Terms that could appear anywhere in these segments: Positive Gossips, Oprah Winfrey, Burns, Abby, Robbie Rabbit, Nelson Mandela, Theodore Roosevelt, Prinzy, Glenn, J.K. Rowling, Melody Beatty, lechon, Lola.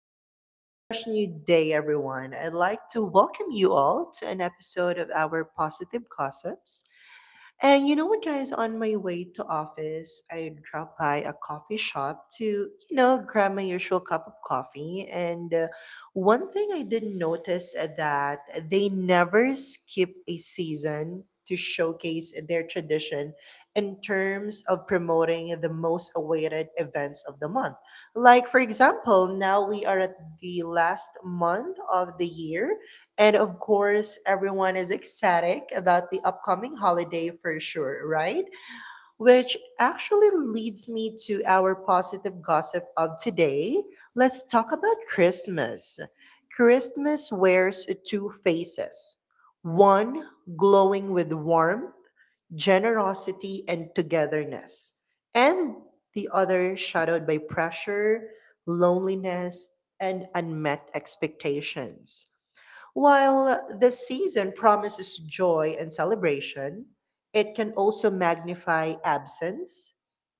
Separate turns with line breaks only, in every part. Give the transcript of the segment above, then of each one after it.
prince. A fresh new day, everyone. I'd like to welcome you all to an episode of our Positive Gossips. And you know what, guys? On my way to office, I dropped by a coffee shop to grab my usual cup of coffee. And one thing I didn't notice that they never skip a season to showcase their tradition in terms of promoting the most awaited events of the month. Like, for example, now we are at the last month of the year, and of course, everyone is ecstatic about the upcoming holiday for sure, right? Which actually leads me to our positive gossip of today. Let's talk about Christmas. Christmas wears two faces: one glowing with warmth, generosity, and togetherness, and the other shadowed by pressure, loneliness, and unmet expectations. While the season promises joy and celebration, it can also magnify absence,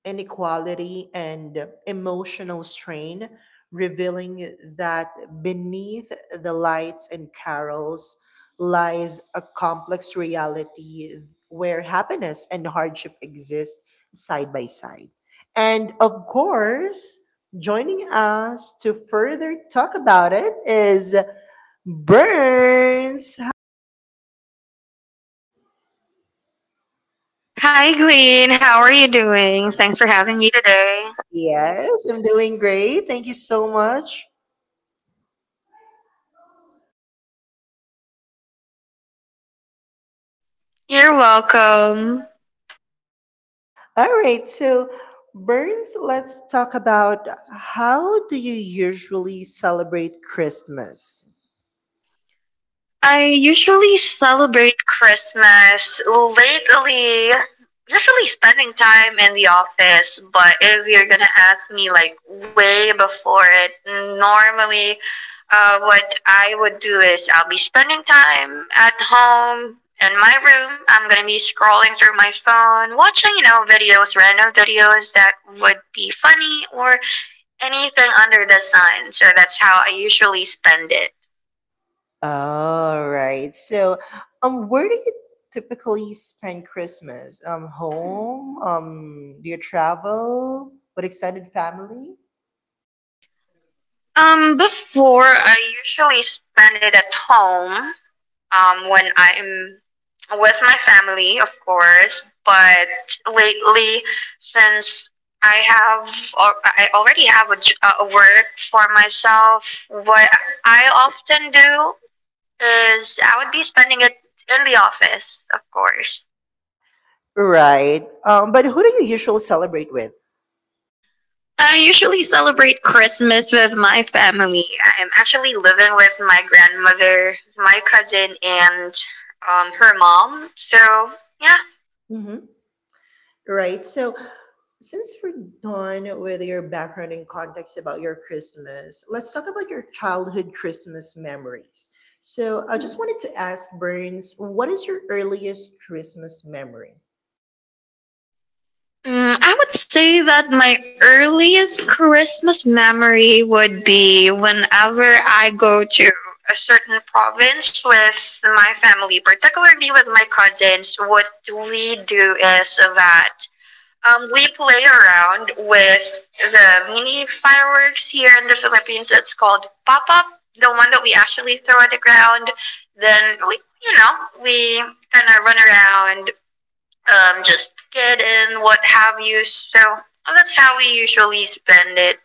inequality, and emotional strain, revealing that beneath the lights and carols lies a complex reality where happiness and hardship exist side by side. And of course, joining us to further talk about it is Burns.
Hi, Glenn. How are you doing? Thanks for having me today.
Yes, I'm doing great. Thank you so much.
You're welcome.
All right, so Burns, let's talk about, how do you usually celebrate Christmas?
I usually celebrate Christmas lately, usually spending time in the office, but if you're gonna ask me like way before it, normally what I would do is I'll be spending time at home in my room. I'm gonna be scrolling through my phone, watching, videos, random videos that would be funny or anything under the sun. So that's how I usually spend it.
All right. So, where do you typically spend Christmas? Home? Do you travel with extended family?
Before I usually spend it at home. When I'm with my family, of course. But lately, since I have, or I already have a work for myself. What I often do is I would be spending it in the office, of course.
Right. But who do you usually celebrate with?
I usually celebrate Christmas with my family. I'm actually living with my grandmother, my cousin, and her mom. So, yeah.
Hmm. Right. So, since we're done with your background and context about your Christmas, let's talk about your childhood Christmas memories. So, I just wanted to ask Burns, what is your earliest Christmas memory?
I would say that my earliest Christmas memory would be whenever I go to a certain province with my family, particularly with my cousins. What we do is that we play around with the mini fireworks here in the Philippines. It's called pop up, the one that we actually throw at the ground. Then we, we kind of run around, just kid and what have you. So that's how we usually spend it.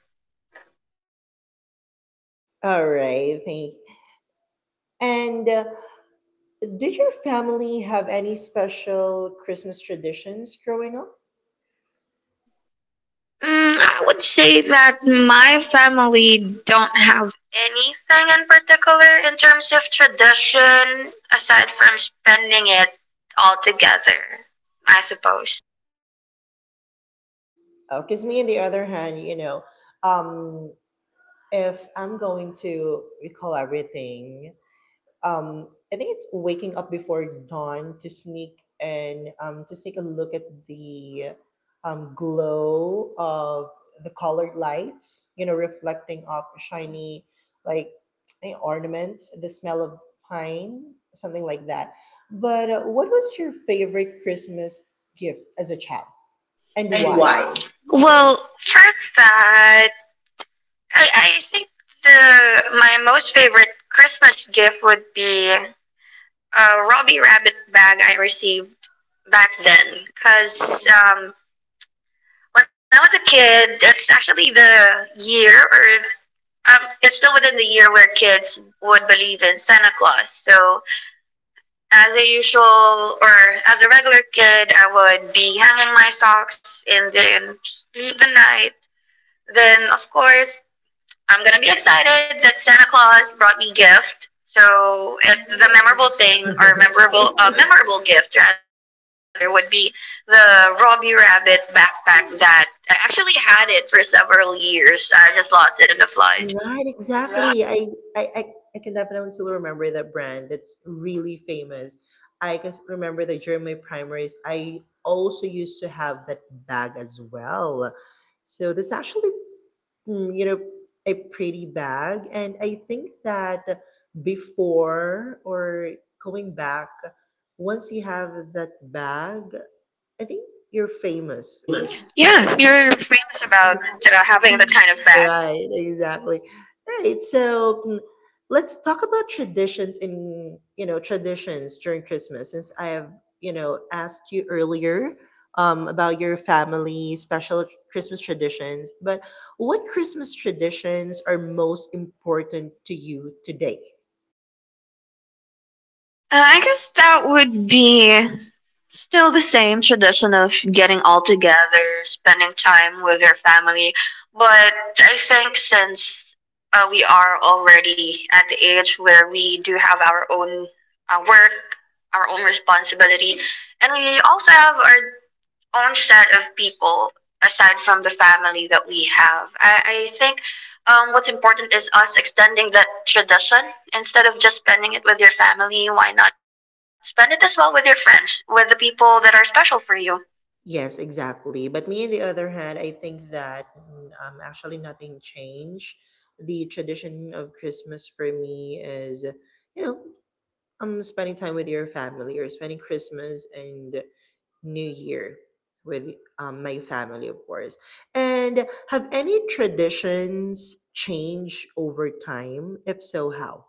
All right, thank you. And did your family have any special Christmas traditions growing up?
I would say that my family don't have anything in particular in terms of tradition aside from spending it all together, I suppose.
Because me, on the other hand, um, if I'm going to recall everything, I think it's waking up before dawn to sneak and, to sneak a look at the, glow of the colored lights, you know, reflecting off shiny like, ornaments, the smell of pine, something like that. But what was your favorite Christmas gift as a child, and
And
why?
why?
Well,
Well, first that I, I think the my most favorite Christmas gift would be a Robbie Rabbit bag I received back then. Cause when I was a kid, it's actually the year or um, it's still within the year where kids would believe in Santa Claus. So as a usual or as a regular kid, I would be hanging my socks and then sleep the night. Then of course I'm gonna be excited that Santa Claus brought me gift. So
the
it, the
memorable
memorable
thing
thing
was,
or memorable memorable gift rather would be the Robbie Rabbit backpack that I actually had it for several years. I just lost it in the flood.
Right, exactly. I, I, I can definitely still remember that brand. That's really famous. I can remember that during my primaries, I also used to have that bag as well. So that's actually, mm, you know, a pretty bag. And I think that before, or going back, once you have that bag, I think you're famous.
Famous. Yeah, you're famous
Well,
about
how do
having
you
that
have
kind of bag.
Right, exactly. All right. So, let's talk about traditions in, you know, traditions during Christmas since I have asked you earlier about your family special Christmas traditions, but what Christmas traditions are most important to you today?
I guess that would be still the same tradition of getting all together, spending time with your family. But I think since we are already at the age where we do have our own work, our own responsibility, and we also have our own set of people aside from the family that we have, I think what's important is us extending that tradition instead of just spending it with your family. Why not spend it as well with your friends, with the people that are special for you?
Yes, exactly. But me, on the other hand, I think that, actually nothing changed. The tradition of Christmas for me is, you know, spending time with your family, or spending Christmas and New Year with, my family, of course. And have any traditions changed over time? If so, how?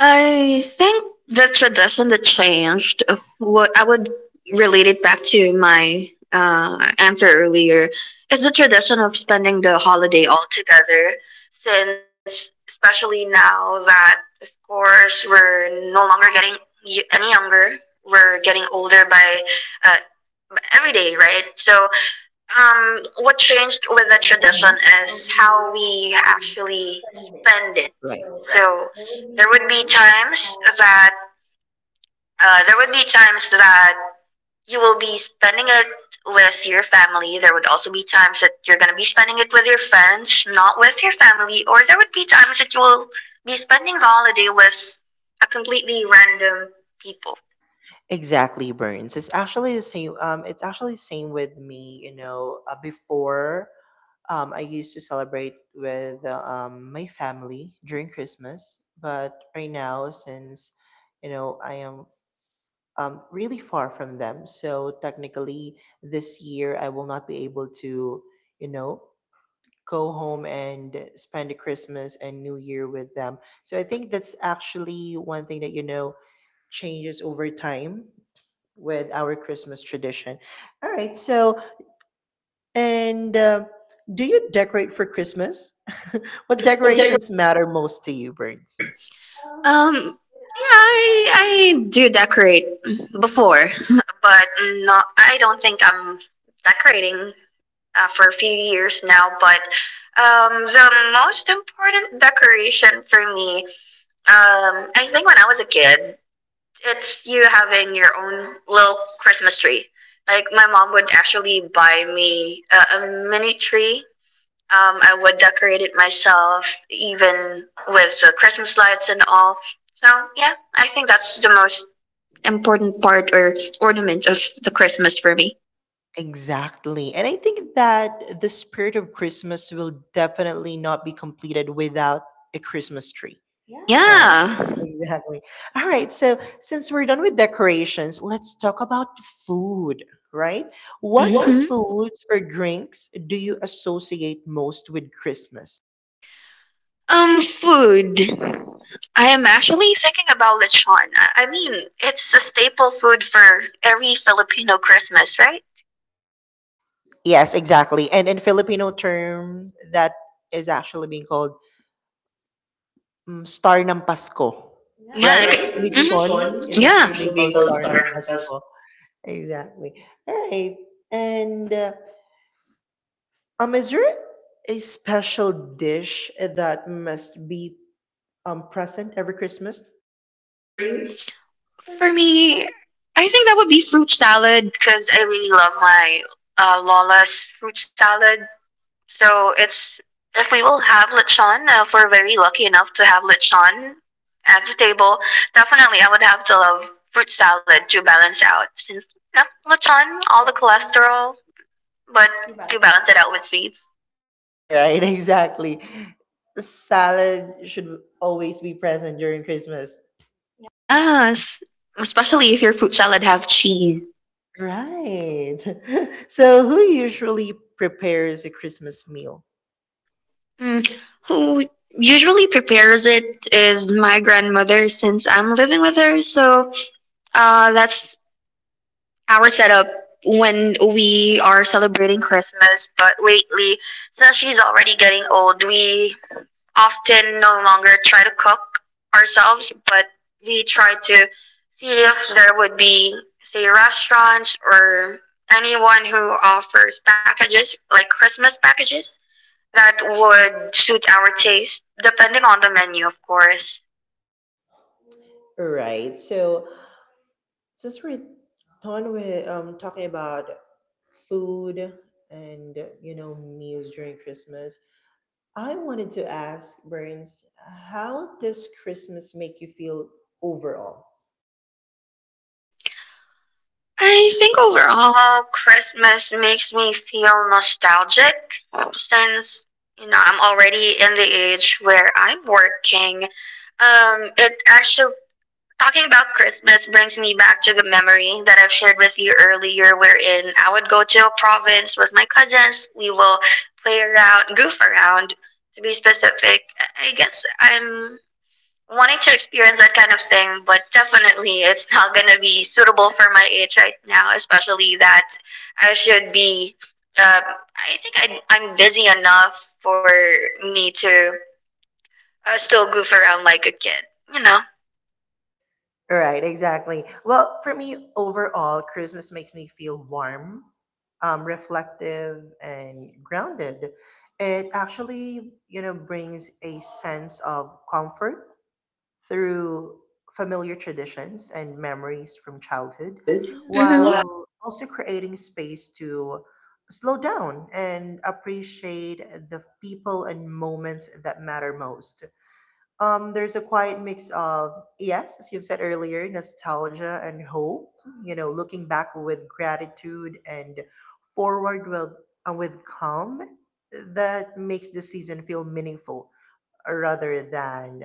I think the tradition that changed, what I would relate it back to my answer earlier, is the tradition of spending the holiday all together. Since, especially now that, of course, we're no longer getting any younger, we're getting older by uh, every day, right? So, what changed with the tradition is how we actually spend it.
Right.
Right. So, there would be times that uh, there would be times that you will be spending it with your family. There would also be times that you're going to be spending it with your friends, not with your family. Or there would be times that you will be spending the holiday with a completely random people.
Exactly, Burns. It's actually the same. It's actually the same with me. Before, I used to celebrate with, my family during Christmas, but right now, since I am, really far from them, so technically this year I will not be able to, you know, go home and spend the Christmas and New Year with them. So I think that's actually one thing that changes over time with our Christmas tradition. All right. So, and do you decorate for Christmas? What
What decorating
decorations matter most to you, Burns?
brings? Um, yeah, I do decorate before, but not, I don't think I'm decorating for a few years now. But the most important decoration for me, I think when I was a kid, it's you having your own little Christmas tree. Like my mom would actually buy me a mini tree, I would decorate it myself, even with the Christmas lights and all. So yeah, I think that's the most important part or ornament of the Christmas for me.
Exactly. And I think that the spirit of Christmas will definitely not be completed without a Christmas tree, right?
Yeah.
Yeah. Exactly. All right. So, since we're done with decorations, let's talk about food, right? What
Hmm.
foods or drinks do you associate most with Christmas?
Food. I am actually thinking about lechon. I mean, it's a staple food for every Filipino Christmas, right?
Yes, exactly. And in Filipino terms, that is actually being called, Star ng Pasko, yeah,
Yeah.
right?
Right? Mhm.
Lechon
Lechon.
is, yeah,
Yeah,
actually being
usually
called
people
Star ng
start on
Pasko. Exactly. All right. And is there a special dish that must be present every Christmas?
Thursday. For me, I think that would be fruit salad because I really love my Lola's fruit salad. So it's if we will have lechon, if we're very lucky enough to have lechon at the table, definitely I would have to love fruit salad to balance out since you know, lechon, all the cholesterol, but to balance it out with sweets.
Right. Exactly. Salad should always be present during Christmas.
Yes, especially if your fruit salad have cheese.
Right. So, who usually prepares a Christmas meal?
Mm, who usually prepares it is my grandmother since I'm living with her. So that's our setup when we are celebrating Christmas. But lately, since she's already getting old, we often no longer try to cook ourselves, but we try to see if there would be, say, restaurants or anyone who offers packages, like Christmas packages that would suit our taste, depending on the menu, of course.
Right. So, since we're done with talking about food and meals during Christmas, I wanted to ask Burns, how does Christmas make you feel overall?
I think overall, Christmas makes me feel nostalgic since, you know, I'm already in the age where I'm working. It actually, talking about Christmas brings me back to the memory that I've shared with you earlier, wherein I would go to a province with my cousins. We will play around, goof around, to be specific. I guess I'm wanting to experience that kind of thing, but definitely it's not gonna be suitable for my age right now, especially that I should be. Um, I think I'm busy enough for me to still goof around like a kid, you know.
Right, exactly. Well, for me, overall, Christmas makes me feel warm, reflective, and grounded. It actually, brings a sense of comfort through familiar traditions and memories from childhood, Mm.
Hmm.
while also creating space to slow down and appreciate the people and moments that matter most. There's a quiet mix of, yes, as you've said earlier, nostalgia and hope, looking back with gratitude and forward with calm that makes the season feel meaningful rather than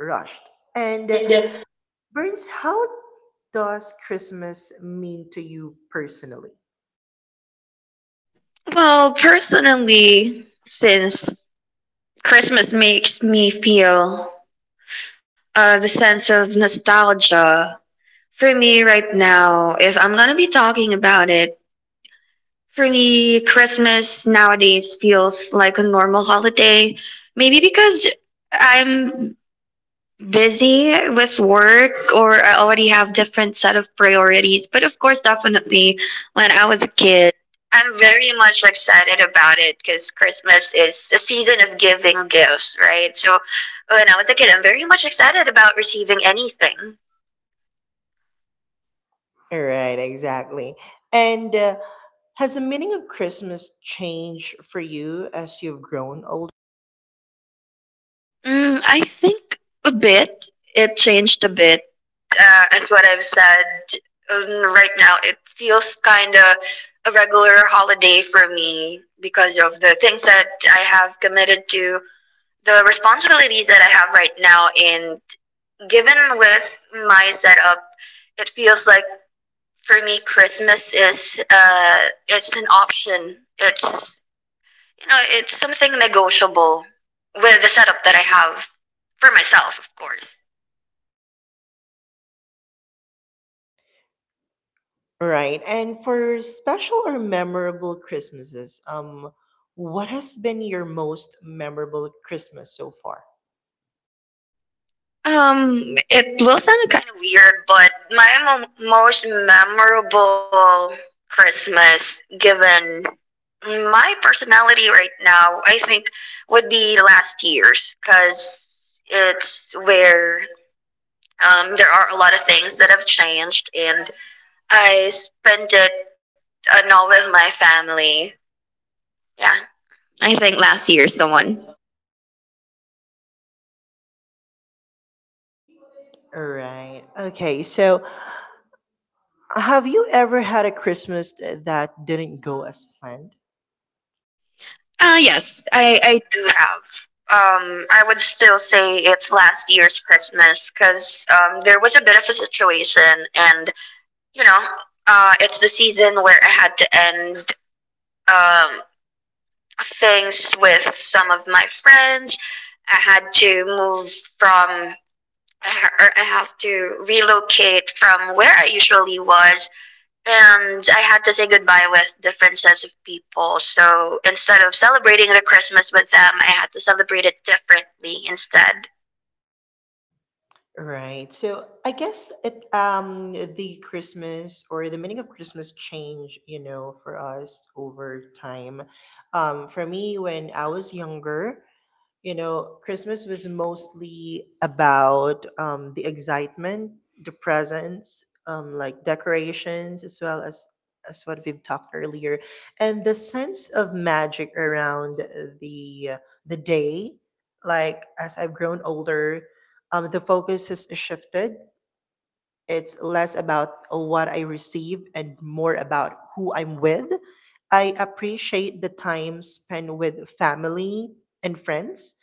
rushed. And Burns, how does Christmas mean to you personally?
Well, personally, since Christmas makes me feel the sense of nostalgia, for me right now, if I'm gonna be talking about it, for me, Christmas nowadays feels like a normal holiday. Maybe because I'm busy with work or I already have different set of priorities. But of course, definitely when I was a kid, I'm very much excited about it because Christmas is a season of giving gifts, right? So when I was a kid, I'm very much excited about receiving anything.
Right, exactly. And has the meaning of Christmas changed for you as you've grown older?
I think a bit. It changed a bit. As what I've said, right now it feels kind of a regular holiday for me because of the things that I have committed to, the responsibilities that I have right now, and given with my setup, it feels like for me Christmas is it's an option. It's you know, it's something negotiable with the setup that I have for myself, of course.
Right. And for special or memorable Christmases, what has been your most memorable Christmas so far?
It will sound kind of weird, but my most memorable Christmas, given my personality right now, I think would be last year's, because it's where there are a lot of things that have changed, and I spent it not with my family. Yeah, I think last year's the one.
Right. Okay. So, have you ever had a Christmas that didn't go as planned?
Yes, I do have. I would still say it's last year's Christmas because there was a bit of a situation, and you know, it's the season where I had to end um, things with some of my friends. I had to move from, or I have to relocate from where I usually was and I had to say goodbye with different sets of people. So instead of celebrating the Christmas with them, I had to celebrate it differently instead.
Right. So I guess it the Christmas, or the meaning of Christmas, change, for us over time. For me, when I was younger, Christmas was mostly about, the excitement, the presents, like decorations, as well as what we've talked earlier, and the sense of magic around the the day. Like, as I've grown older, the focus has shifted. It's less about what I receive and more about who I'm with. I appreciate the time spent with family and friends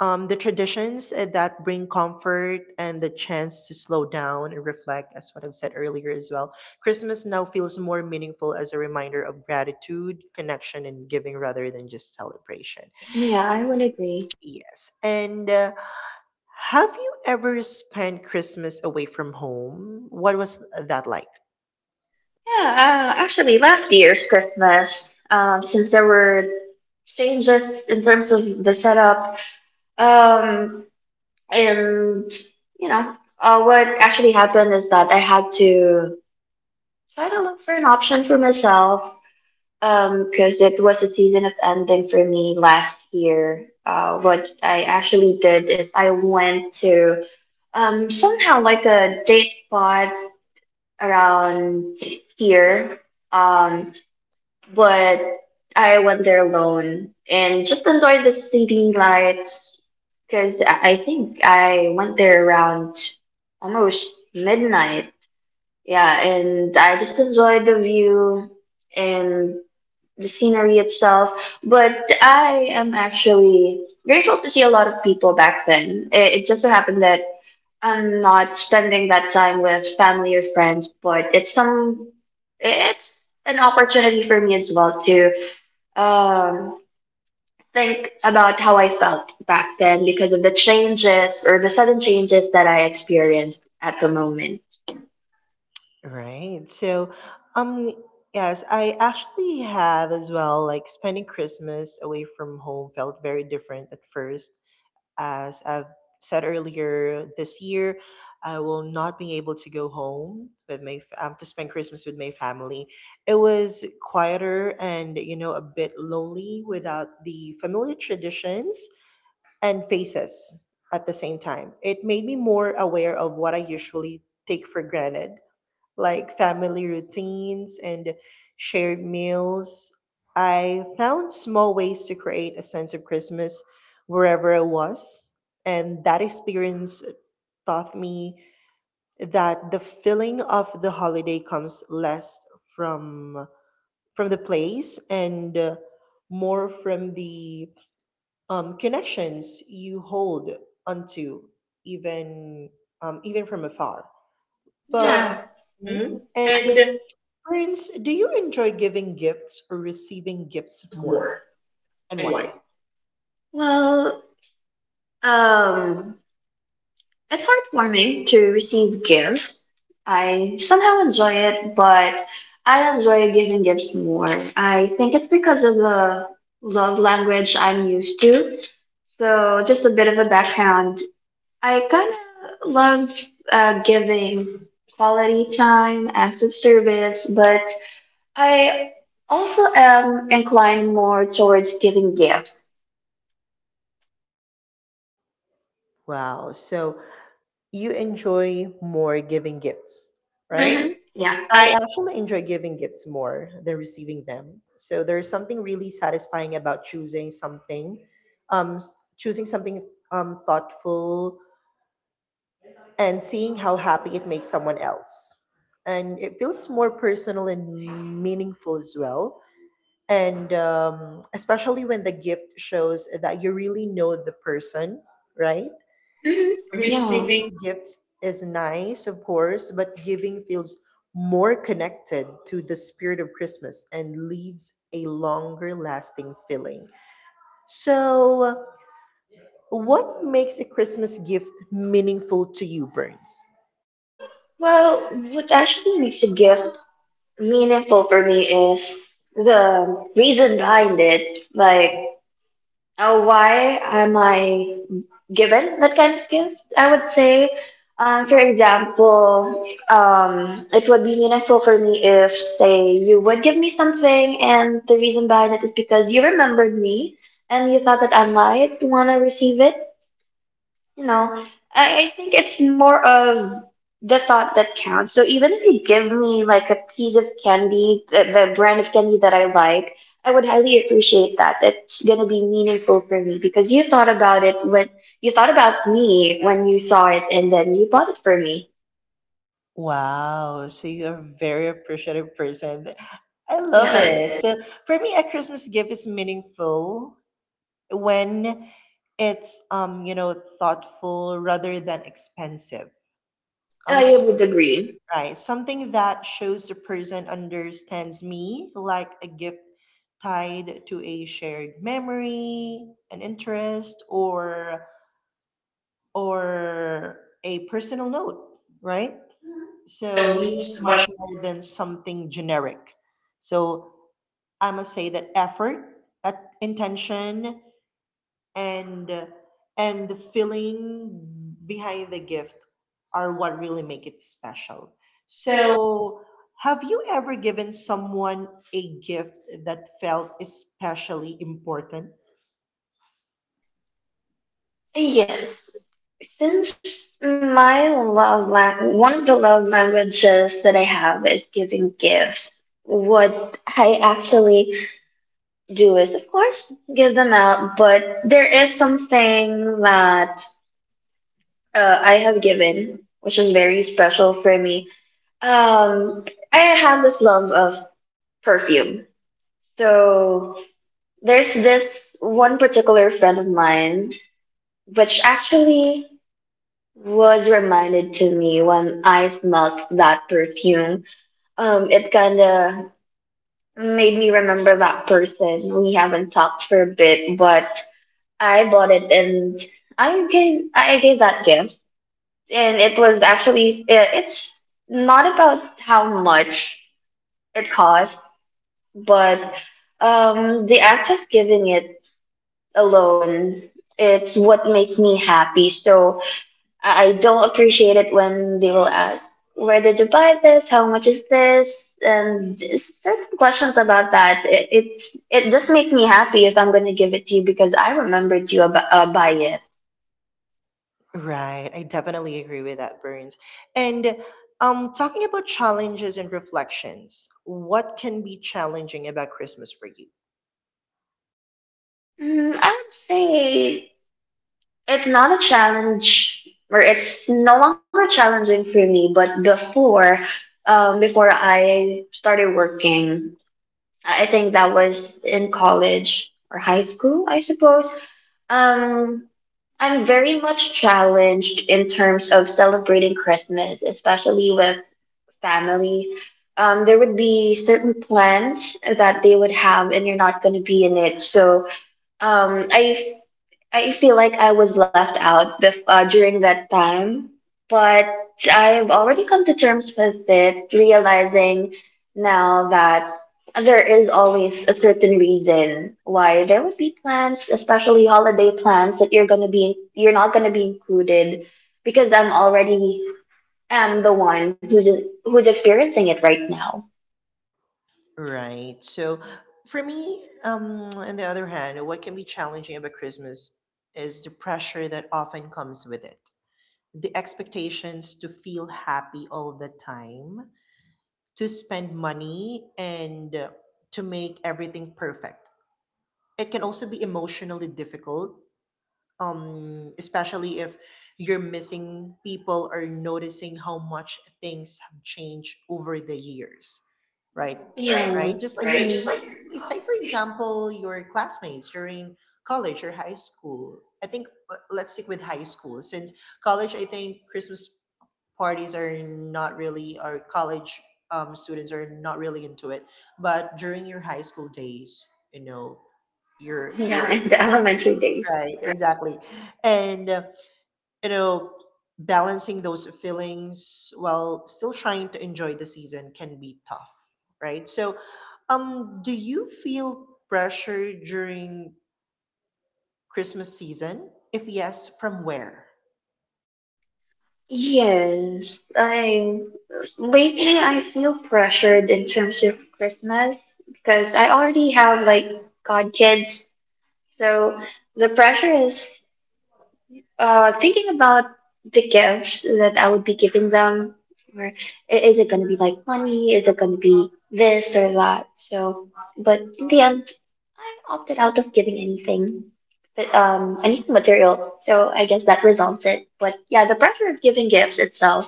um, the traditions that bring comfort, and the chance to slow down and reflect, as what I've said earlier as well. Christmas now feels more meaningful as a reminder of gratitude, connection, and giving rather than just celebration.
Yeah, I would agree.
Yes. And have you ever spent Christmas away from home? What was that like?
Yeah, actually, last year's Christmas, since there were changes in terms of the setup, um, and you know, what actually happened is that I had to try to look for an option for myself. Because it was a season of ending for me last year. What I actually did is I went to somehow like a date spot around here. Um, but I went there alone and just enjoyed the city lights because I think I went there around almost midnight. Yeah, and I just enjoyed the view and the scenery itself. But I am actually grateful to see a lot of people back then. It just so happened that I'm not spending that time with family or friends, but it's an opportunity for me as well to um think about how I felt back then because of the changes or the sudden changes that I experienced at the moment.
Right. So, um, yes, I actually have as well. Like, spending Christmas away from home felt very different at first. As I've said earlier, this year I will not be able to go home with my to spend Christmas with my family. It was quieter, and a bit lonely without the familiar traditions and faces. At the same time, it made me more aware of what I usually take for granted, like family routines and shared meals. I found small ways to create a sense of Christmas wherever I was. And that experience taught me that the feeling of the holiday comes less from from the place and more from the, connections you hold onto, even even from afar, but
Yeah. Yeah.
Mhm.
Mm?
And
And
Burns, do you enjoy giving gifts or receiving gifts
risk
more?
more.
And
And
why?
why? Well, um, it's heartwarming to receive gifts. I somehow enjoy it, but I enjoy giving gifts more. I think it's because of the love language I'm used to. So, just a bit of a background. I kind of love giving quality time, acts of service, but I also am inclined more towards giving gifts,
Wow. So you enjoy more giving gifts, right?
right? Hmm. Yeah.
I
I
actually enjoy giving gifts more than receiving them. So there's something really satisfying about um, s- choosing something thoughtful, and seeing how happy it makes someone else. And it feels more personal and meaningful as well, and, especially when the gift shows that you really know the person, right?
hmm.
Receiving
Yeah.
gifts is nice, of course, but giving feels more connected to the spirit of Christmas and leaves a longer lasting feeling. So, what makes a Christmas gift meaningful to you, Burns?
Well, what actually makes a gift meaningful for me is the reason behind it. Like, why am I given that kind of gift? I would say, for example, it would be meaningful for me if, say, you would give me something, and the reason behind it is because you remembered me and you thought that I might want to receive it. You know, I think it's more of the thought that counts. So even if you give me like a piece of candy, the brand of candy that I like, I would highly appreciate that. It's gonna be meaningful for me because you thought about it when you thought about me when you saw it and then you bought it for me.
Wow, so you're a very appreciative person. I love it.
Yeah,
So for me, a Christmas gift is meaningful when it's thoughtful rather than expensive. Um,
I
s-
would agree.
right, something that shows the person understands me, like a gift tied to a shared memory, an interest, or a personal note, right? So
So
means
means
much
much.
more than something generic. So I must say that effort, uh, intention, and uh, and the feeling behind the gift are what really make it special.
So
So have you ever given someone a gift that felt especially important?
yes. Since my one of the love languages that I have is giving gifts, what I actually do is, of course, give them out, but there is something that I have given, which is very special for me. Um, I have this love of perfume. So there's this one particular friend of mine, which actually was reminded to me when I smelled that perfume. It kind of made me remember that person. We haven't talked for a bit, but I bought it and I gave that gift, and it was actually it's not about how much it cost, but the act of giving it alone, it's what makes me happy. So I don't appreciate it when they will ask, where did you buy this? How much is this? And just certain questions about that. It just makes me happy if I'm going to give it to you because I remembered you about by it.
Right. I definitely agree with that, Burns. And talking about challenges and reflections, what can be challenging about Christmas for you?
Mm, I would say it's not a challenge, or it's no longer challenging for me, but before, before I started working, I think that was in college or high school, I suppose. Um, I'm very much challenged in terms of celebrating Christmas, especially with family. There would be certain plans that they would have, and you're not going to be in it. Um, I I feel like I was left out during that time, but I've already come to terms with it, realizing now that there is always a certain reason why there would be plans, especially holiday plans, that you're not gonna be included because I'm already am the one who's experiencing it right now.
Right. So for me, on the other hand, what can be challenging about Christmas is the pressure that often comes with it. The expectations to feel happy all the time, to spend money, and to make everything perfect. It can also be emotionally difficult, especially if you're missing people or noticing how much things have changed over the years, right?
Yeah.
Right, just like
Right.
your,
Just mhm. Like
let's say, for example, your classmates during college or high school. I think let's stick with high school, since college, I think Christmas parties are not really, or college, students are not really into it, but during your high school days you know you're
your, yeah, in the elementary days.
Right, exactly. And, you know, balancing those feelings while still trying to enjoy the season can be tough, right? So, do you feel pressure during Christmas season? If yes, from where?
Yes, I lately I feel pressured in terms of Christmas because I already have like godkids, so the pressure is thinking about the gifts that I would be giving them, or is it gonna be like money? Is it gonna be this or that? So, but in the end, I opted out of giving anything, but anything material. So I guess that resolves it. But yeah, the pressure of giving gifts itself.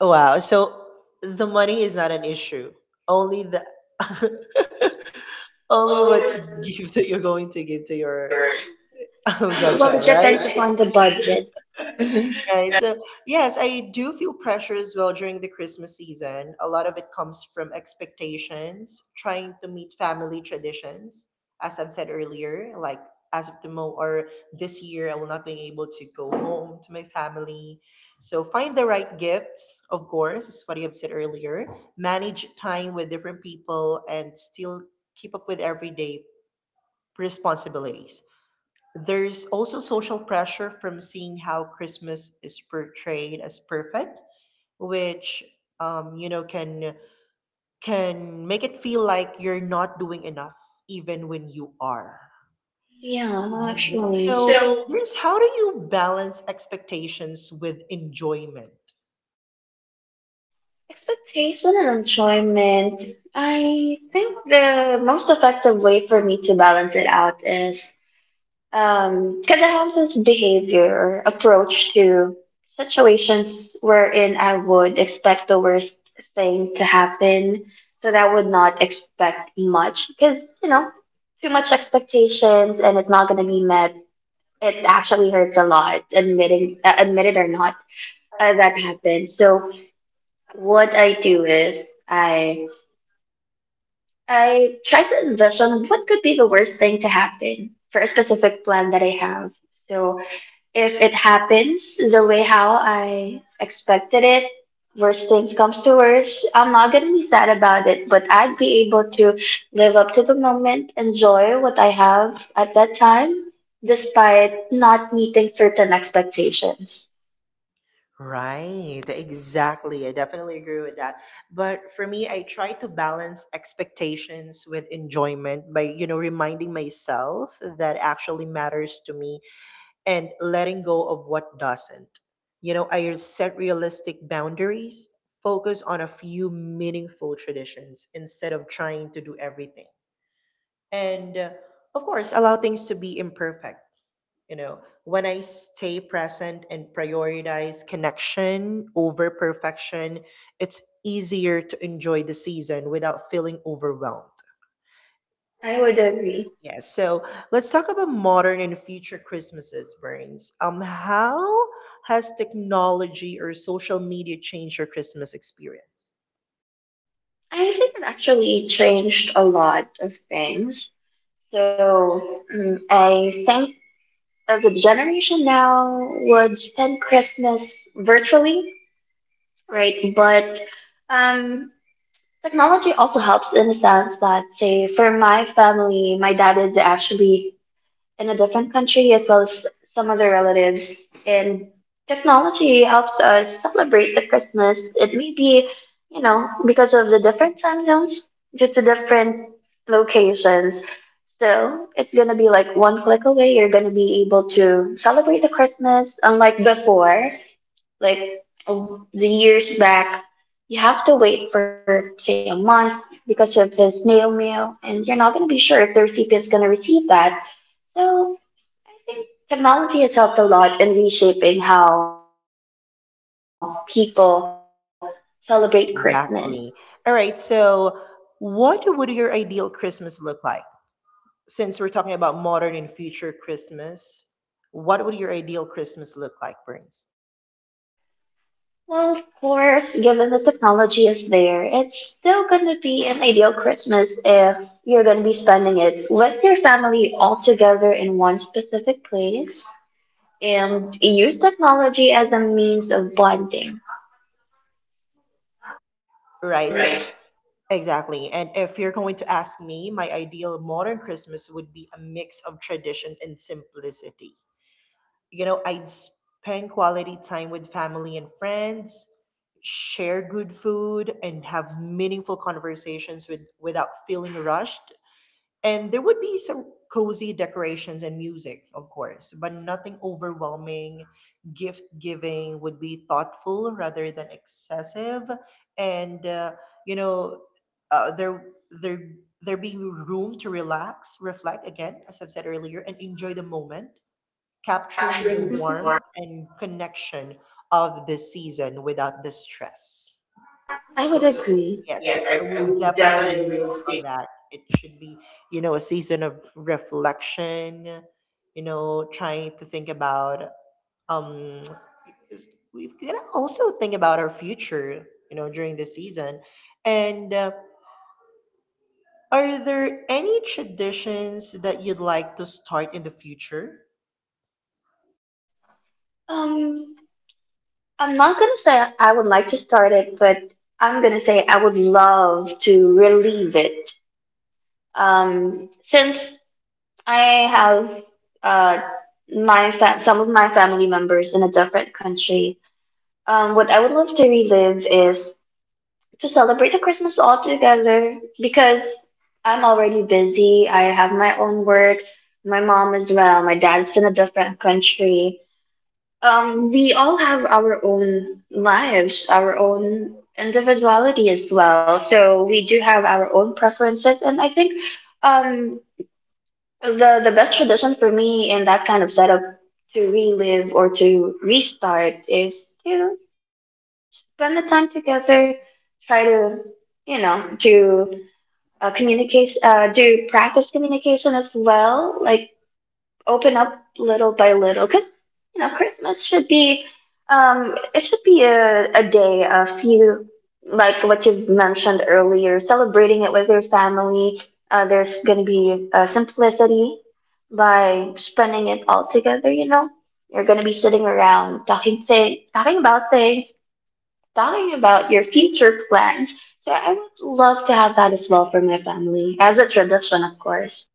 Wow, so the money is not an issue. Only the only what
Only when
gift that you're going to give to
you do
your
your. Well, it budget,
godchild, right?
depends right? Upon the budget. Mhm.
Right. So, yes, I do feel pressure as well during the Christmas season. A lot of it comes from expectations, trying to meet family traditions, as I've said earlier, like as of the mo or this year, I will not be able to go home to my family. So, find the right gifts, of course, is what you have said earlier. Manage time with different people and still keep up with everyday responsibilities. There's also social pressure from seeing how Christmas is portrayed as perfect, which um, you know can can make it feel like you're not doing enough, even when you are.
Yeah, well,
Mhm.
actually.
So,
So,
Bruce, how do you balance expectations with enjoyment?
expectation and enjoyment. I think the most effective way for me to balance it out is because I have this behavior or approach to situations wherein I would expect the worst thing to happen. So that would not expect much because you know too much expectations and it's not gonna be met. It actually hurts a lot admitting admit it or not, that happened. So what I do is I try to envision what could be the worst thing to happen for a specific plan that I have. So if it happens the way how I expected it, worst things comes to worst, I'm not gonna be sad about it, but I'd be able to live up to the moment, enjoy what I have at that time, despite not meeting certain expectations.
Right, exactly. I definitely agree with that. But for me, I try to balance expectations with enjoyment by reminding myself that actually matters to me and letting go of what doesn't. I set realistic boundaries, focus on a few meaningful traditions instead of trying to do everything. And of course, allow things to be imperfect you know, when I stay present and prioritize connection over perfection, it's easier to enjoy the season without feeling overwhelmed.
I would agree.
Yes. So let's talk about modern and future Christmases, Burns. How has technology or social media changed your Christmas experience?
I think it actually changed a lot of things. I think the generation now would spend Christmas virtually, right? But um, technology also helps in the sense that, say, for my family, my dad is actually in a different country as well as some other relatives, and technology helps us celebrate the Christmas. It may be, you know, because of the different time zones, just the different locations. Still, it's gonna be like one click away. You're gonna be able to celebrate the Christmas, unlike before, like oh, the years back, you have to wait for say a month because of the snail mail, and you're not going to be sure if the recipient's going to receive that. So I think technology has helped a lot in reshaping how people celebrate Christmas.
Exactly. All right. So, what would your ideal Christmas look like? Since we're talking about modern and future Christmas, what would your ideal Christmas look like, Burns?
Well, of course, given the technology is there, it's still going to be an ideal Christmas if you're going to be spending it with your family all together in one specific place and use technology as a means of bonding.
Right. So
Right?
exactly. And if you're going to ask me, my ideal modern Christmas would be a mix of tradition and simplicity. I'd spend quality time with family and friends, share good food, and have meaningful conversations without feeling rushed. And there would be some cozy decorations and music, of course, but nothing overwhelming. Gift giving would be thoughtful rather than excessive. And you know, uh, there, there, there be room to relax, reflect again, as I've said earlier, and enjoy the moment, capturing the
Capturing
warmth
more.
and connection of this season without the stress.
I would
So
agree.
yes, I,
Yeah,
I
I
will
would
definitely
definitely
insist on
reinstate.
that. It should be, a season of reflection, trying to think about um is- we've gotta also think about our future, during this season. And are there any traditions that you'd like to start in the future?
Um, I'm not gonna say I would like to start it, but I'm gonna say I would love to relieve it. Since I have uh some of my family members in a different country, what I would love to relive is to celebrate the Christmas all together because I'm already busy. I have my own work, my mom as well. My dad's in a different country. We all have our own lives, our own individuality as well. So we do have our own preferences, and I think um, the best tradition for me in that kind of setup to relive or to restart is to spend the time together, try to, you know, to communicate, do practice communication as well, like open up little by little, because you know Christmas should be, it should be a day a few, like what you've mentioned earlier, celebrating it with your family. There's going to be simplicity by spending it all together. You know, you're going to be sitting around talking about things, talking about your future plans. So I would love to have that as well for my family as a tradition, of course.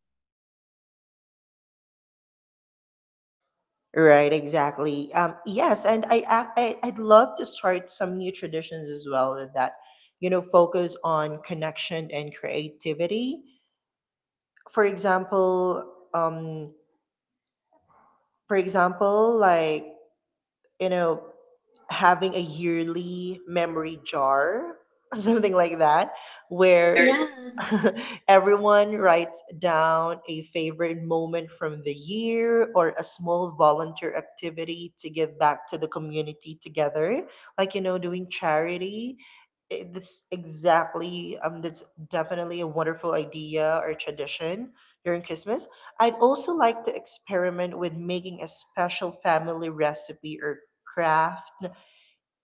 Right, exactly. Yes, and I, ac- I I'd love to start some new traditions as well that focus on connection and creativity. For example, um, like you know, having a yearly memory jar, something like that, where
Yeah.
everyone writes down a favorite moment from the year or a small volunteer activity to give back to the community together, like, you know, doing charity. That's exactly, that's definitely a wonderful idea or tradition during Christmas. I'd also like to experiment with making a special family recipe or craft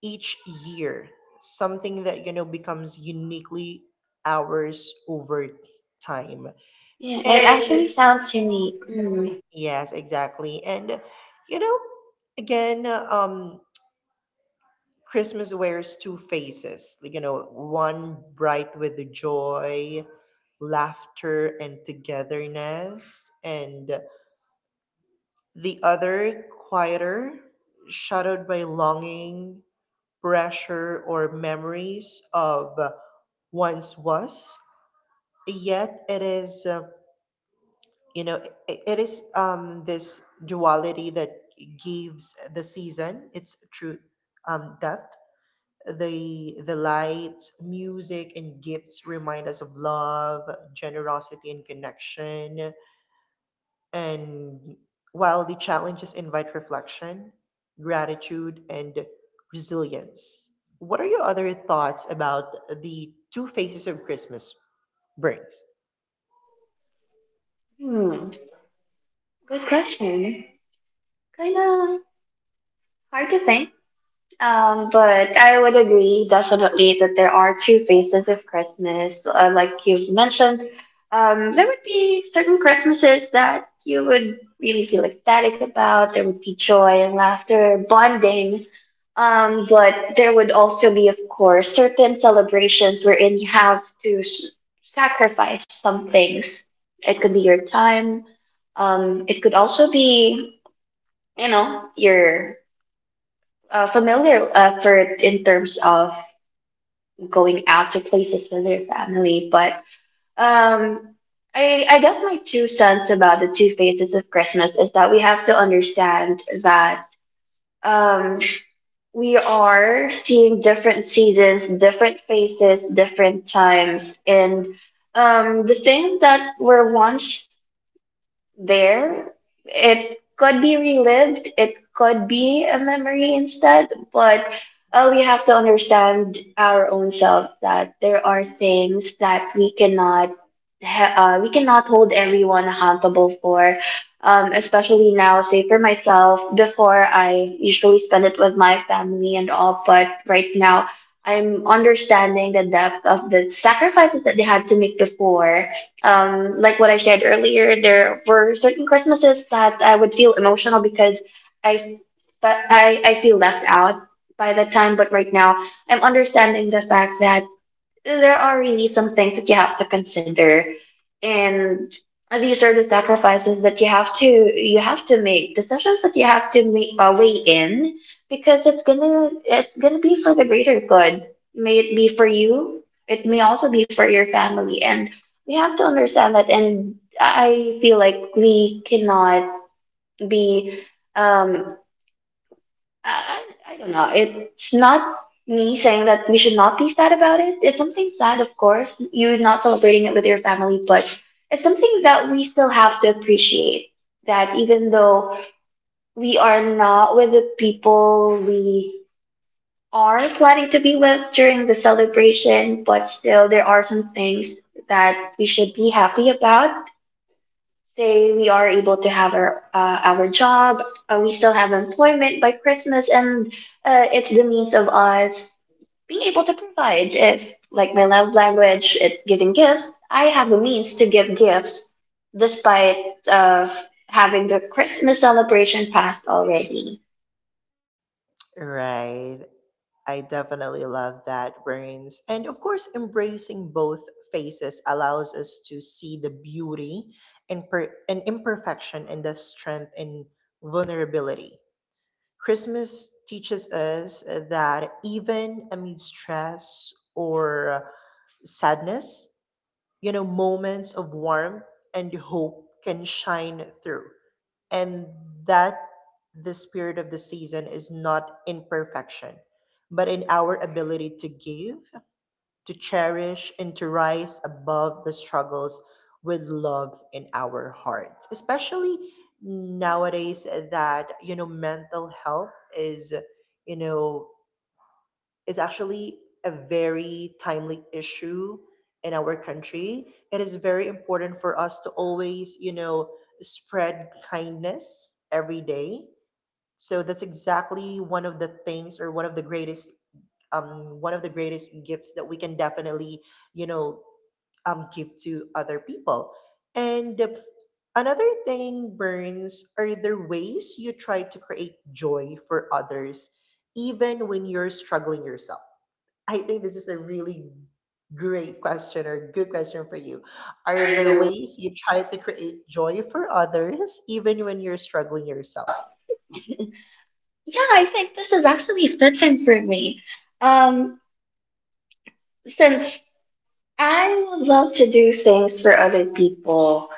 each year, something that becomes uniquely ours over time.
Yeah, it
And
actually sounds unique. Mm.
yes, exactly. And you know, again, Christmas wears two faces, like, one bright with the joy, laughter, and togetherness, and the other quieter, shadowed by longing, pressure, or memories of once was. Yet it is, you know, it is, this duality that gives the season its true depth. The lights, music, and gifts remind us of love, generosity, and connection. And while the challenges invite reflection, gratitude, and resilience. What are your other thoughts about the two faces of Christmas brings?
Hmm. Hmm, good question. Kinda hard to think. But I would agree definitely that there are two phases of Christmas. Like you've mentioned, there would be certain Christmases that you would really feel ecstatic about. There would be joy and laughter, bonding. But there would also be, of course, certain celebrations wherein you have to sacrifice some things. It could be your time. It could also be, you know, your familiar for in terms of going out to places with your family. But um, I guess my two cents about the two phases of Christmas is that we have to understand that um, we are seeing different seasons, different phases, different times, and the things that were once there. It could be relived, it could be a memory instead, but we have to understand our own self that there are things that we cannot we cannot hold everyone accountable for. Especially now, say for myself, before I usually spend it with my family and all, but right now I'm understanding the depth of the sacrifices that they had to make before. Like what I shared earlier, there were certain Christmases that I would feel emotional because I, I feel left out by that time. But right now, I'm understanding the fact that there are really some things that you have to consider, and these are the sacrifices that you have to make, decisions that you have to make, weigh in, because it's gonna be for the greater good. May it be for you, it may also be for your family, and we have to understand that. And I feel like we cannot be, um I don't know. It's not me saying that we should not be sad about it. It's something sad, of course. You're not celebrating it with your family, but it's something that we still have to appreciate. That even though we are not with the people we are planning to be with during the celebration, but still there are some things that we should be happy about. Say we are able to have our job, we still have employment by Christmas, and it's the means of us being able to provide. If like my love language, it's giving gifts. I have a means to give gifts, despite of having the Christmas celebration passed already.
Right. I definitely love that, Brains. And of course, embracing both faces allows us to see the beauty and imperfection and the strength and vulnerability. Christmas teaches us that even amid stress or sadness, moments of warmth and hope can shine through. And that the spirit of the season is not in perfection, but in our ability to give, to cherish, and to rise above the struggles with love in our hearts, especially nowadays that, mental health is, you know, is actually a very timely issue in our country. It is very important for us to always, spread kindness every day. So that's exactly one of the things or one of the greatest gifts that we can definitely, you know, give to other people. And the another thing, Burns, are there ways you try to create joy for others even when you're struggling yourself? I think this is a really great question or good question for you. Are
Are
there
there?
ways you try to create joy for others even when you're struggling yourself?
Yeah, I think this is actually fitting for me. Um, since I would love to do things for other people.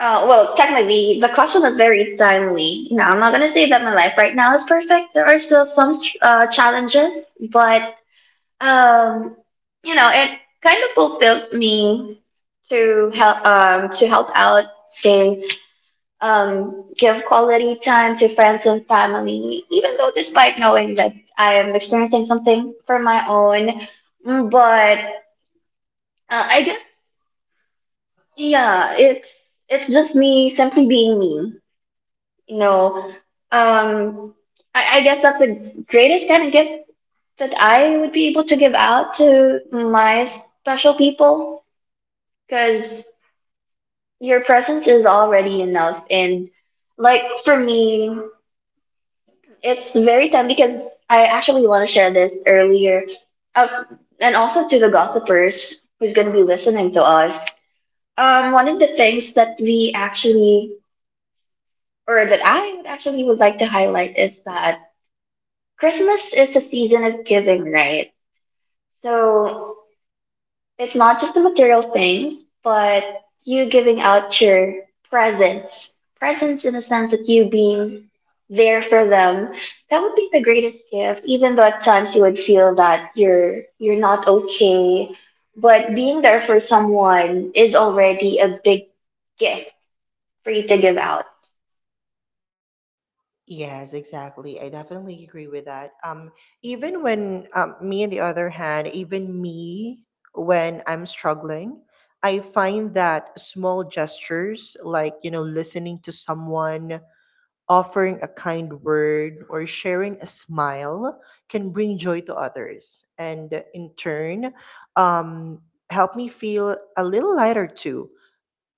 Well, technically, the question is very timely. You know, I'm not gonna say that my life right now is perfect. There are still some challenges, but um, you know, it kind of fulfills me to help out, say give quality time to friends and family, even though despite knowing that I am experiencing something for my own. Mm, but I guess yeah, it's just me simply being me. No. Um, I guess that's the greatest kind of gift that I would be able to give out to my special people, because your presence is already enough. And like for me, it's very time because I actually want to share this earlier. Uh, and also to the gossipers who's going to be listening to us. One of the things that we actually, or that I would actually would like to highlight is that Christmas is a season of giving, right? So it's not just the material things, but you giving out your presence. Presence in the sense that you being there for them. That would be the greatest gift, even though at times you would feel that you're not okay. But being there for someone is already a big gift for you to give out.
Yes, exactly. I definitely agree with that. Even when on the other hand, when I'm struggling, I find that small gestures like, listening to someone, offering a kind word, or sharing a smile can bring joy to others. And in turn, um, help me feel a little lighter too.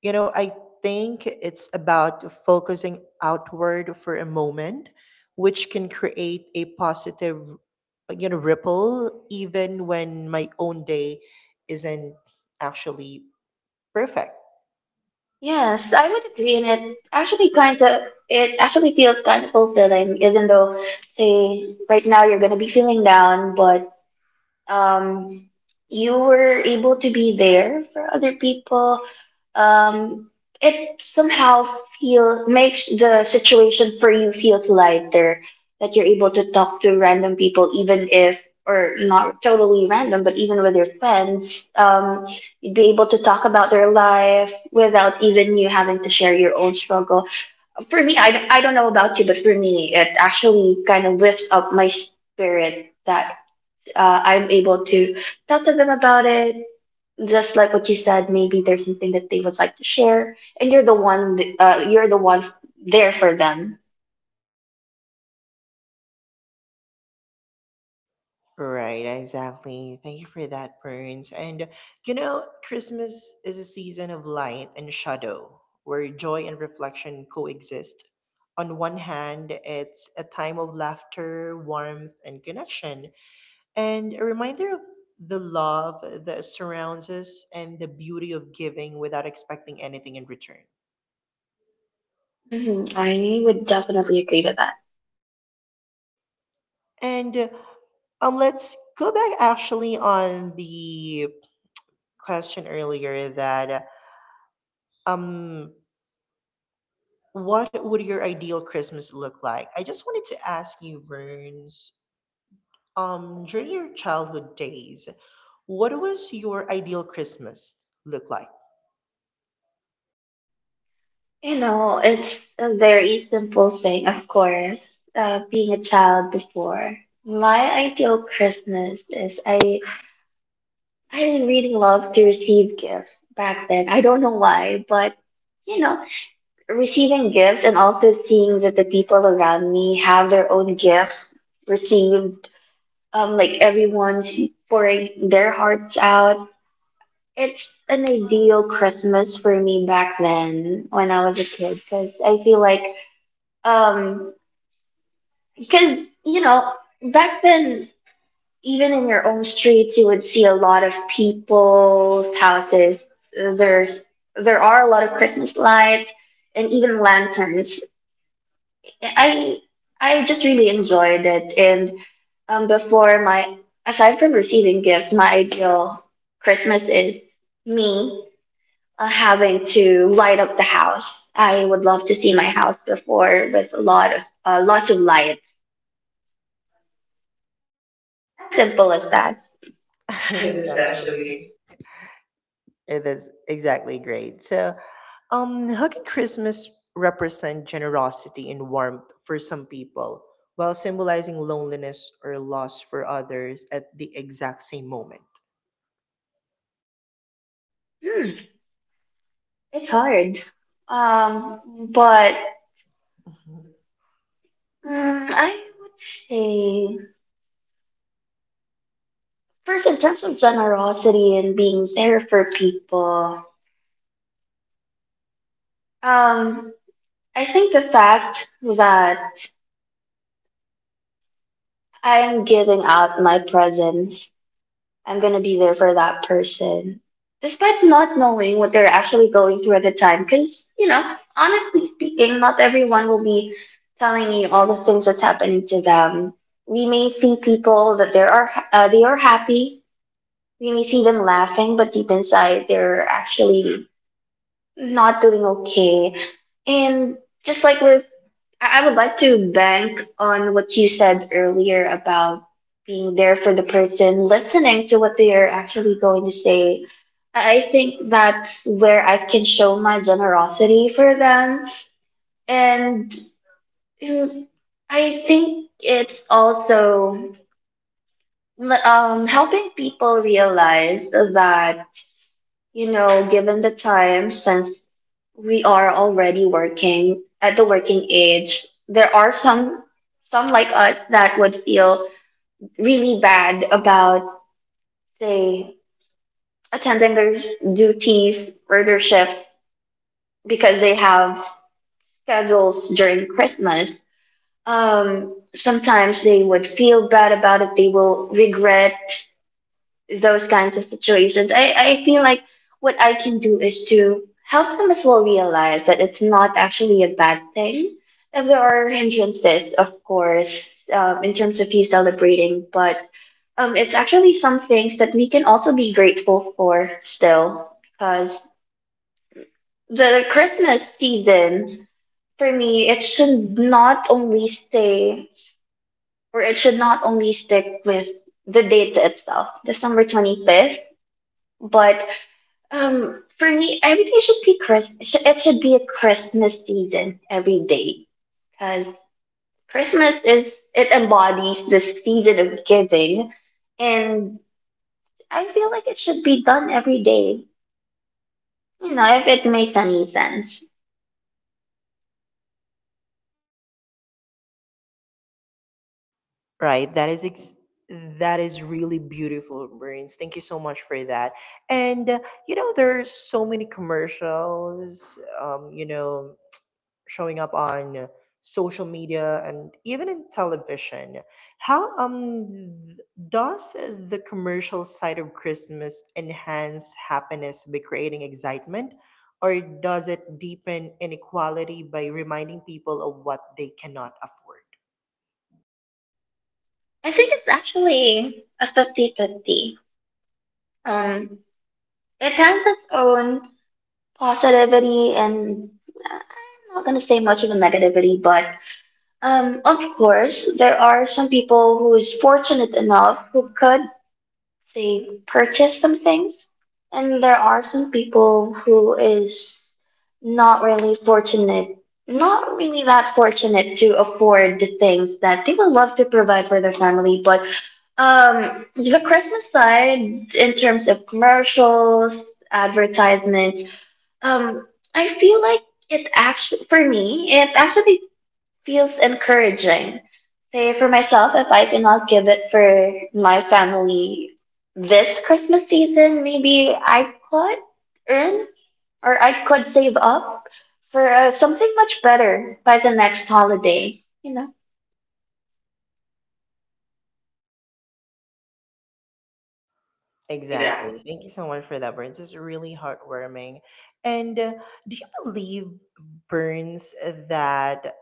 I think it's about focusing outward for a moment, which can create a positive, ripple even when my own day isn't actually perfect.
Yes, I would agree, and it actually feels kind of fulfilling, even though say right now you're gonna be feeling down, but um, you were able to be there for other people. Um, it somehow feel makes the situation for you feels lighter, that you're able to talk to random people, even if or not totally random, but even with your friends. You'd be able to talk about their life without even you having to share your own struggle. For me, I don't know about you, but for me, it actually kind of lifts up my spirit that I'm able to talk to them about it. Just like what you said, maybe there's something that they would like to share, and you're the one there for them.
Right, exactly. Thank you for that, Burns. And Christmas is a season of light and shadow where joy and reflection coexist. On one hand, it's a time of laughter, warmth, and connection, and a reminder of the love that surrounds us and the beauty of giving without expecting anything in return.
Hmm, I would definitely agree with that.
And let's go back actually on the question earlier that um, what would your ideal Christmas look like? I just wanted to ask you, Burns, during your childhood days, what was your ideal Christmas look like?
You know, it's a very simple thing, of course. Being a child before, my ideal Christmas is I really loved to receive gifts back then. I don't know why, but you know, receiving gifts and also seeing that the people around me have their own gifts received, like everyone's pouring their hearts out. It's an ideal Christmas for me back then when I was a kid because I feel like, um, because you know, back then even in your own streets, you would see a lot of people's houses. There's there are a lot of Christmas lights and even lanterns. I I just really enjoyed it. And before my aside from receiving gifts, my ideal Christmas is me having to light up the house. I would love to see my house before with a lot of lots of lights. As simple as that.
That's
It's
actually
actually.
that's exactly great. So, how can Christmas represent generosity and warmth for some people, while symbolizing loneliness or loss for others at the exact same moment?
Hmm. It's hard. Um, but
Mhm.
I would say first in terms of generosity and being there for people. Um, I think the fact that I am giving out my presence, I'm gonna be there for that person, despite not knowing what they're actually going through at the time. Because you know, honestly speaking, not everyone will be telling you all the things that's happening to them. We may see people that they are happy. We may see them laughing, but deep inside, they're actually not doing okay. And just like with, I would like to bank on what you said earlier about being there for the person, listening to what they are actually going to say. I think that's where I can show my generosity for them. And mm, I think it's also helping people realize that. You know, given the time, since we are already working at the working age, there are some like us that would feel really bad about say attending their duties or their shifts because they have schedules during Christmas. Sometimes they would feel bad about it. They will regret those kinds of situations. I feel like what I can do is to help them as well realize that it's not actually a bad thing. If there are hindrances, of course, in terms of you celebrating, but it's actually some things that we can also be grateful for still, because the Christmas season, for me, it should not only stick with the date itself, December 25th. But for me, everything should be Christmas. It should be a Christmas season every day, because Christmas is it embodies the season of giving, and I feel like it should be done every day. You know, if it makes any sense.
Right. That is really beautiful, Brains. Thank you so much for that. And there are so many commercials, showing up on social media and even in television. How does the commercial side of Christmas enhance happiness by creating excitement, or does it deepen inequality by reminding people of what they cannot afford?
I think it's actually a 50-50. Um, it has its own positivity, and I'm not gonna say much of a negativity. But of course, there are some people who is fortunate enough who could they purchase some things, and there are some people who is not really fortunate, not really that fortunate to afford the things that they would love to provide for their family. But the Christmas side, in terms of commercials, advertisements, um, I feel like for me, it actually feels encouraging. Say for myself, if I cannot give it for my family this Christmas season, maybe I could earn or I could save up for something much better by the next holiday. You know, exactly.
Exactly. Thank you so much for that, Burns. It's really heartwarming. And do you believe, Burns, that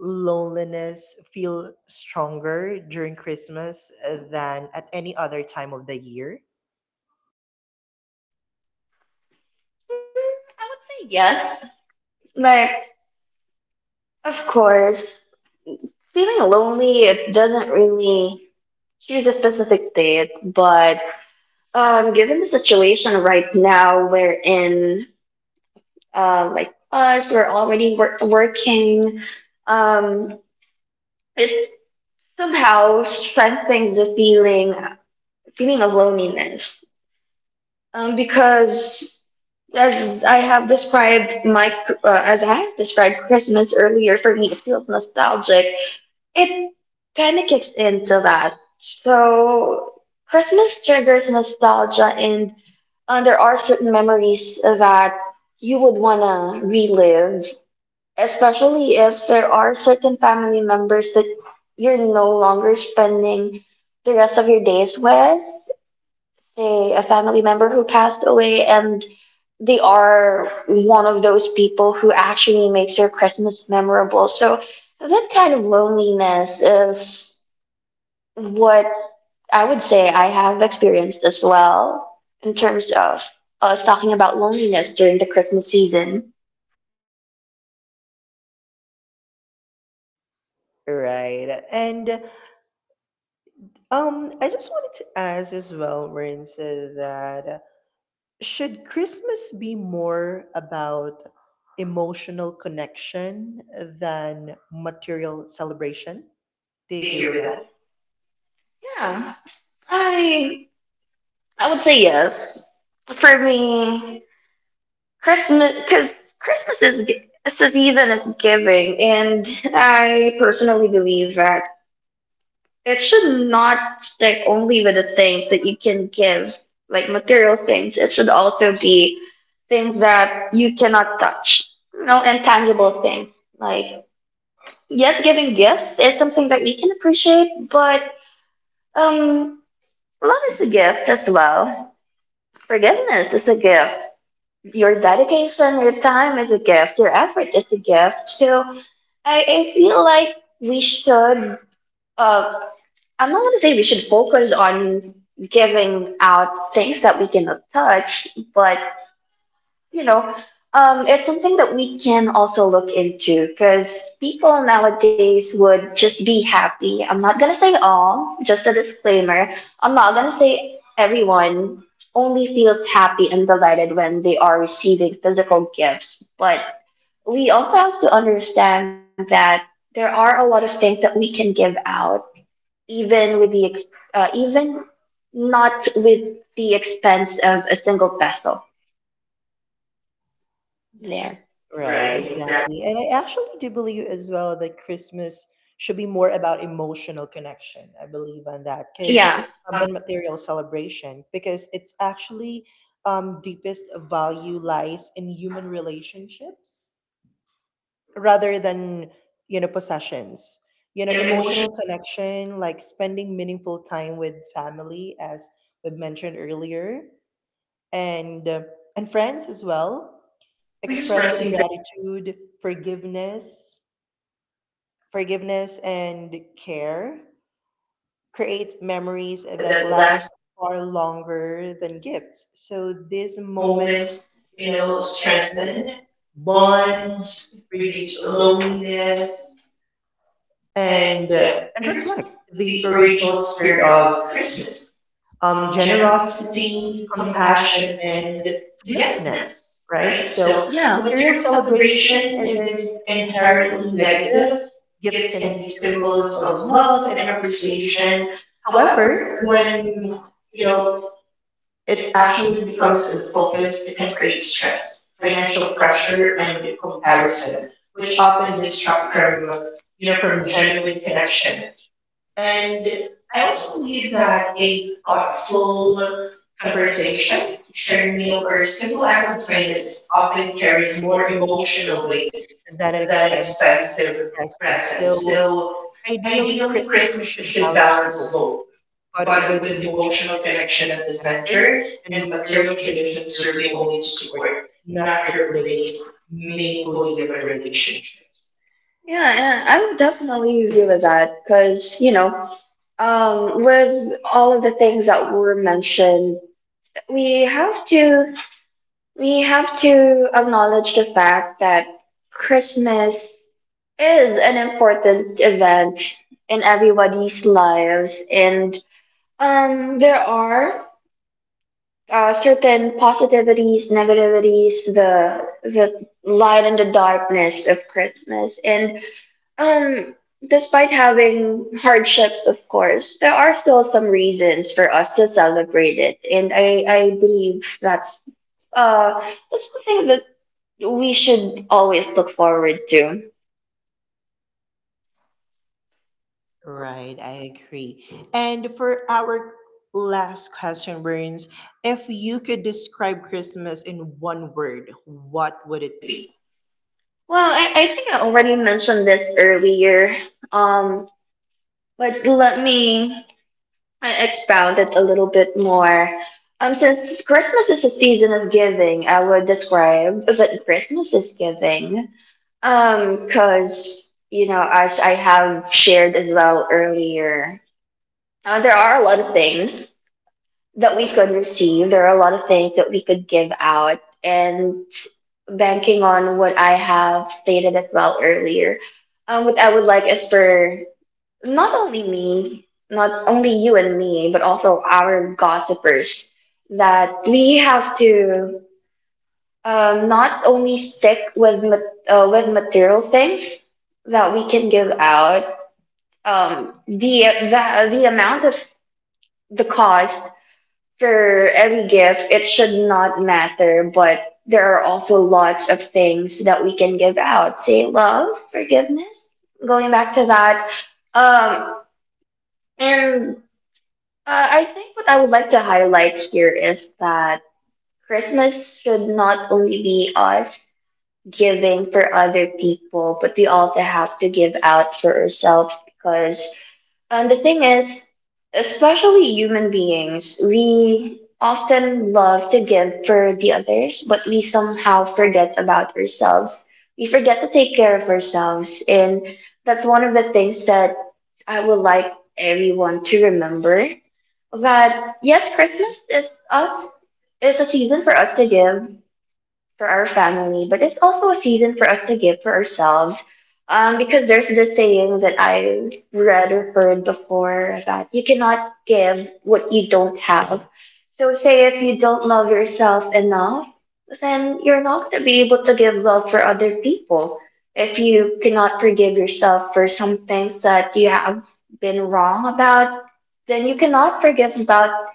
loneliness feel stronger during Christmas, than at any other time of the year?
I would say yes. Like, of course, feeling lonely, it doesn't really choose a specific date. But given the situation right now we're in, like us, we're already working. Um, it somehow strengthens the feeling of loneliness, because as I have described my as I have described Christmas earlier, for me it feels nostalgic. It kind of kicks into that. So Christmas triggers nostalgia, and there are certain memories that you would wanna relive, especially if there are certain family members that you're no longer spending the rest of your days with, say a family member who passed away, and they are one of those people who actually makes your Christmas memorable. So that kind of loneliness is what I would say I have experienced as well in terms of us talking about loneliness during the Christmas season.
Right. And I just wanted to ask as well, Burns, that should Christmas be more about emotional connection than material celebration? Do
Do
you agree
you
with
agree with
that?
that? Yeah, I I would say yes. For me, Christmas, because it's a season of giving, and I personally believe that it should not stick only with the things that you can give, like material things. It should also be things that you cannot touch, you know, intangible things. Like, yes, giving gifts is something that we can appreciate, but um, love is a gift as well. Forgiveness is a gift. Your dedication, your time is a gift, your effort is a gift. So I feel like we should, uh, I'm not going to say we should focus on giving out things that we cannot touch, but you know, it's something that we can also look into, because people nowadays would just be happy. I'm not gonna say all, just a disclaimer. I'm not gonna say everyone only feels happy and delighted when they are receiving physical gifts, but we also have to understand that there are a lot of things that we can give out, even with even not with the expense of a single peso. There.
Right, exactly. And I actually do believe as well that Christmas should be more about emotional connection. I believe on that
That. People,
because,
yeah. Um,
than material celebration, because it's actually, deepest value lies in human relationships rather than possessions. You know,
you know, emotionally
emotional connection, like spending meaningful time with family, as we've mentioned earlier, and uh, and friends as well, expressing
expressing
gratitude, forgiveness forgiveness and care creates memories
things
that
that
last
last
far longer than gifts. So these moments,
moments, you know,
strengthen
strengthen
bonds,
bonds,
reduce
reduce
loneliness,
loneliness,
and uh, and
and
reflect
reflect
the
the
original
original
spirit
spirit
of
of
Christmas:
Christmas. Um,
generosity,
generosity,
compassion,
compassion,
and
and
togetherness.
togetherness,
Right.
right?
So,
So yeah,
material
material celebration
celebration isn't
isn't
inherently
inherently
negative.
negative.
Gifts
Gifts
can
can
be
be
symbols
symbols
of
of
love and
love and appreciation.
appreciation. However,
However,
when,
when you
know
know
it
it
actually
actually
becomes
becomes
the
the
focus,
focus,
it
it
can
can
create
create
stress,
stress,
financial
financial
pressure,
pressure,
and
and
comparison,
comparison,
which
which
often
often
distract
distract
from
from
you
you
know
know
from
from
genuine
genuine
connection.
connection.
And
And
I
I
also
also
believe
believe
that
that
a
a
thoughtful
thoughtful
conversation,
conversation,
shared
shared
meal,
meal,
or a
or
simple
simple
act of
act of
kindness
kindness
often
often
carries
carries
more
more
emotional
emotional
weight
weight
than an
than
expensive
expensive
present.
presents.
So
So
ideally,
ideally,
Christmas
Christmas
should
should
balance
balance
both,
both,
but
but
with
with
emotional
emotional
connection at
connection at
the
the
center
center,
and
and
material
material
traditions
traditions
serving
serving
only to
only to
support,
support,
not
not
replace,
replace,
meaningful
meaningful
human
human relationships.
relationships.
Yeah, yeah, I would definitely agree with that because, you know, with all of the things that were mentioned, we have to we have to acknowledge the fact that Christmas is an important event in everybody's lives, and there are certain positivities, negativities, the light and the darkness of Christmas, and um, despite having hardships, of course, there are still some reasons for us to celebrate it, and I believe uh that's something that we should always look forward to.
Right, I agree. And for our last question, Burns, if you could describe Christmas in one word, what would it be?
Well, I think I already mentioned this earlier, um, but let me expound it a little bit more. Since Christmas is a season of giving, I would describe that Christmas is giving. Cause you know, as I have shared as well earlier, there are a lot of things that we could receive. There are a lot of things that we could give out, and banking on what I have stated as well earlier, what I would like is for not only me, not only you and me, but also our gossipers, that we have to not only stick with with material things that we can give out. Um, the the amount of the cost for every gift it should not matter, but there are also lots of things that we can give out. Say love, forgiveness. Going back to that, um, and I think what I would like to highlight here is that Christmas should not only be us giving for other people, but we also have to give out for ourselves, because the thing is, especially human beings, we often love to give for the others, but we somehow forget about ourselves. We forget to take care of ourselves, and that's one of the things that I would like everyone to remember, that yes, Christmas is us is a season for us to give for our family, but it's also a season for us to give for ourselves. Because there's this saying that I read or heard before that you cannot give what you don't have. So say if you don't love yourself enough, then you're not going to be able to give love for other people. If you cannot forgive yourself for some things that you have been wrong about, then you cannot forgive about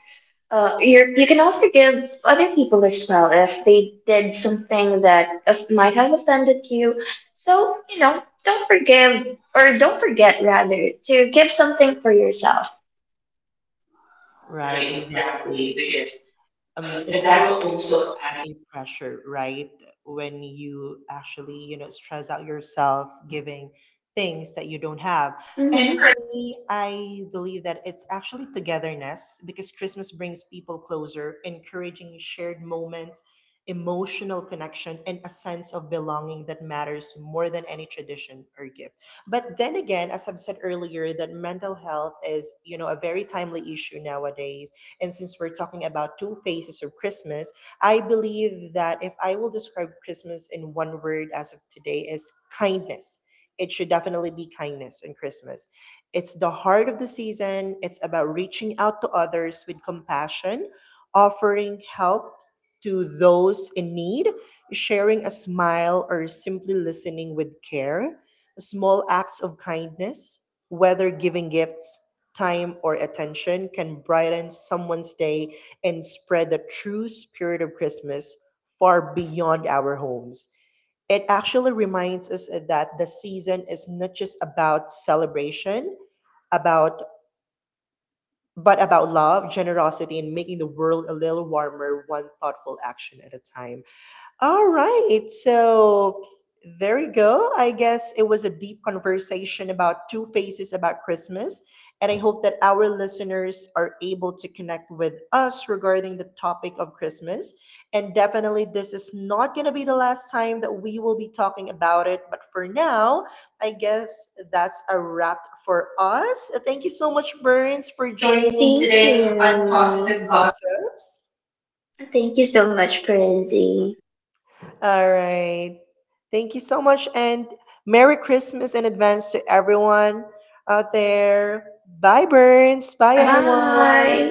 you can all forgive other people as well if they did something that might have offended you. So, you know, don't forgive, or don't forget rather, to give something for yourself.
Right,
Right, exactly,
exactly.
because and
That
that
will
will
also
also
add
add.
a pressure, right? When you actually, stress out yourself giving things that you don't have.
Mhm.
And
And
for me, I believe that it's actually togetherness, because Christmas brings people closer, encouraging shared moments, emotional connection, and a sense of belonging that matters more than any tradition or gift. But then again, as I've said earlier, that mental health is, a very timely issue nowadays, and since we're talking about two phases of Christmas, I believe that if I will describe Christmas in one word as of today is kindness. It should definitely be kindness in Christmas. It's the heart of the season. It's about reaching out to others with compassion, offering help to those in need, sharing a smile or simply listening with care. Small acts of kindness, whether giving gifts, time, or attention, can brighten someone's day and spread the true spirit of Christmas far beyond our homes. It actually reminds us that the season is not just about celebration, about but about love, generosity, and making the world a little warmer, one thoughtful action at a time. All right. So there you go. I guess it was a deep conversation about two faces about Christmas. And I hope that our listeners are able to connect with us regarding the topic of Christmas. And definitely, this is not going to be the last time that we will be talking about it. But for now, I guess that's a wrap for us. Thank you so much, Burns, for
for
joining
joining
me
me thank
today
today
on
on you.
Positive
Positive Vibes.
Gossips.
Thank you so much, Prinzy.
All right. Thank you so much. And Merry Christmas in advance to everyone out there. Bye, Burns. Bye,
Bye, bye.
everyone.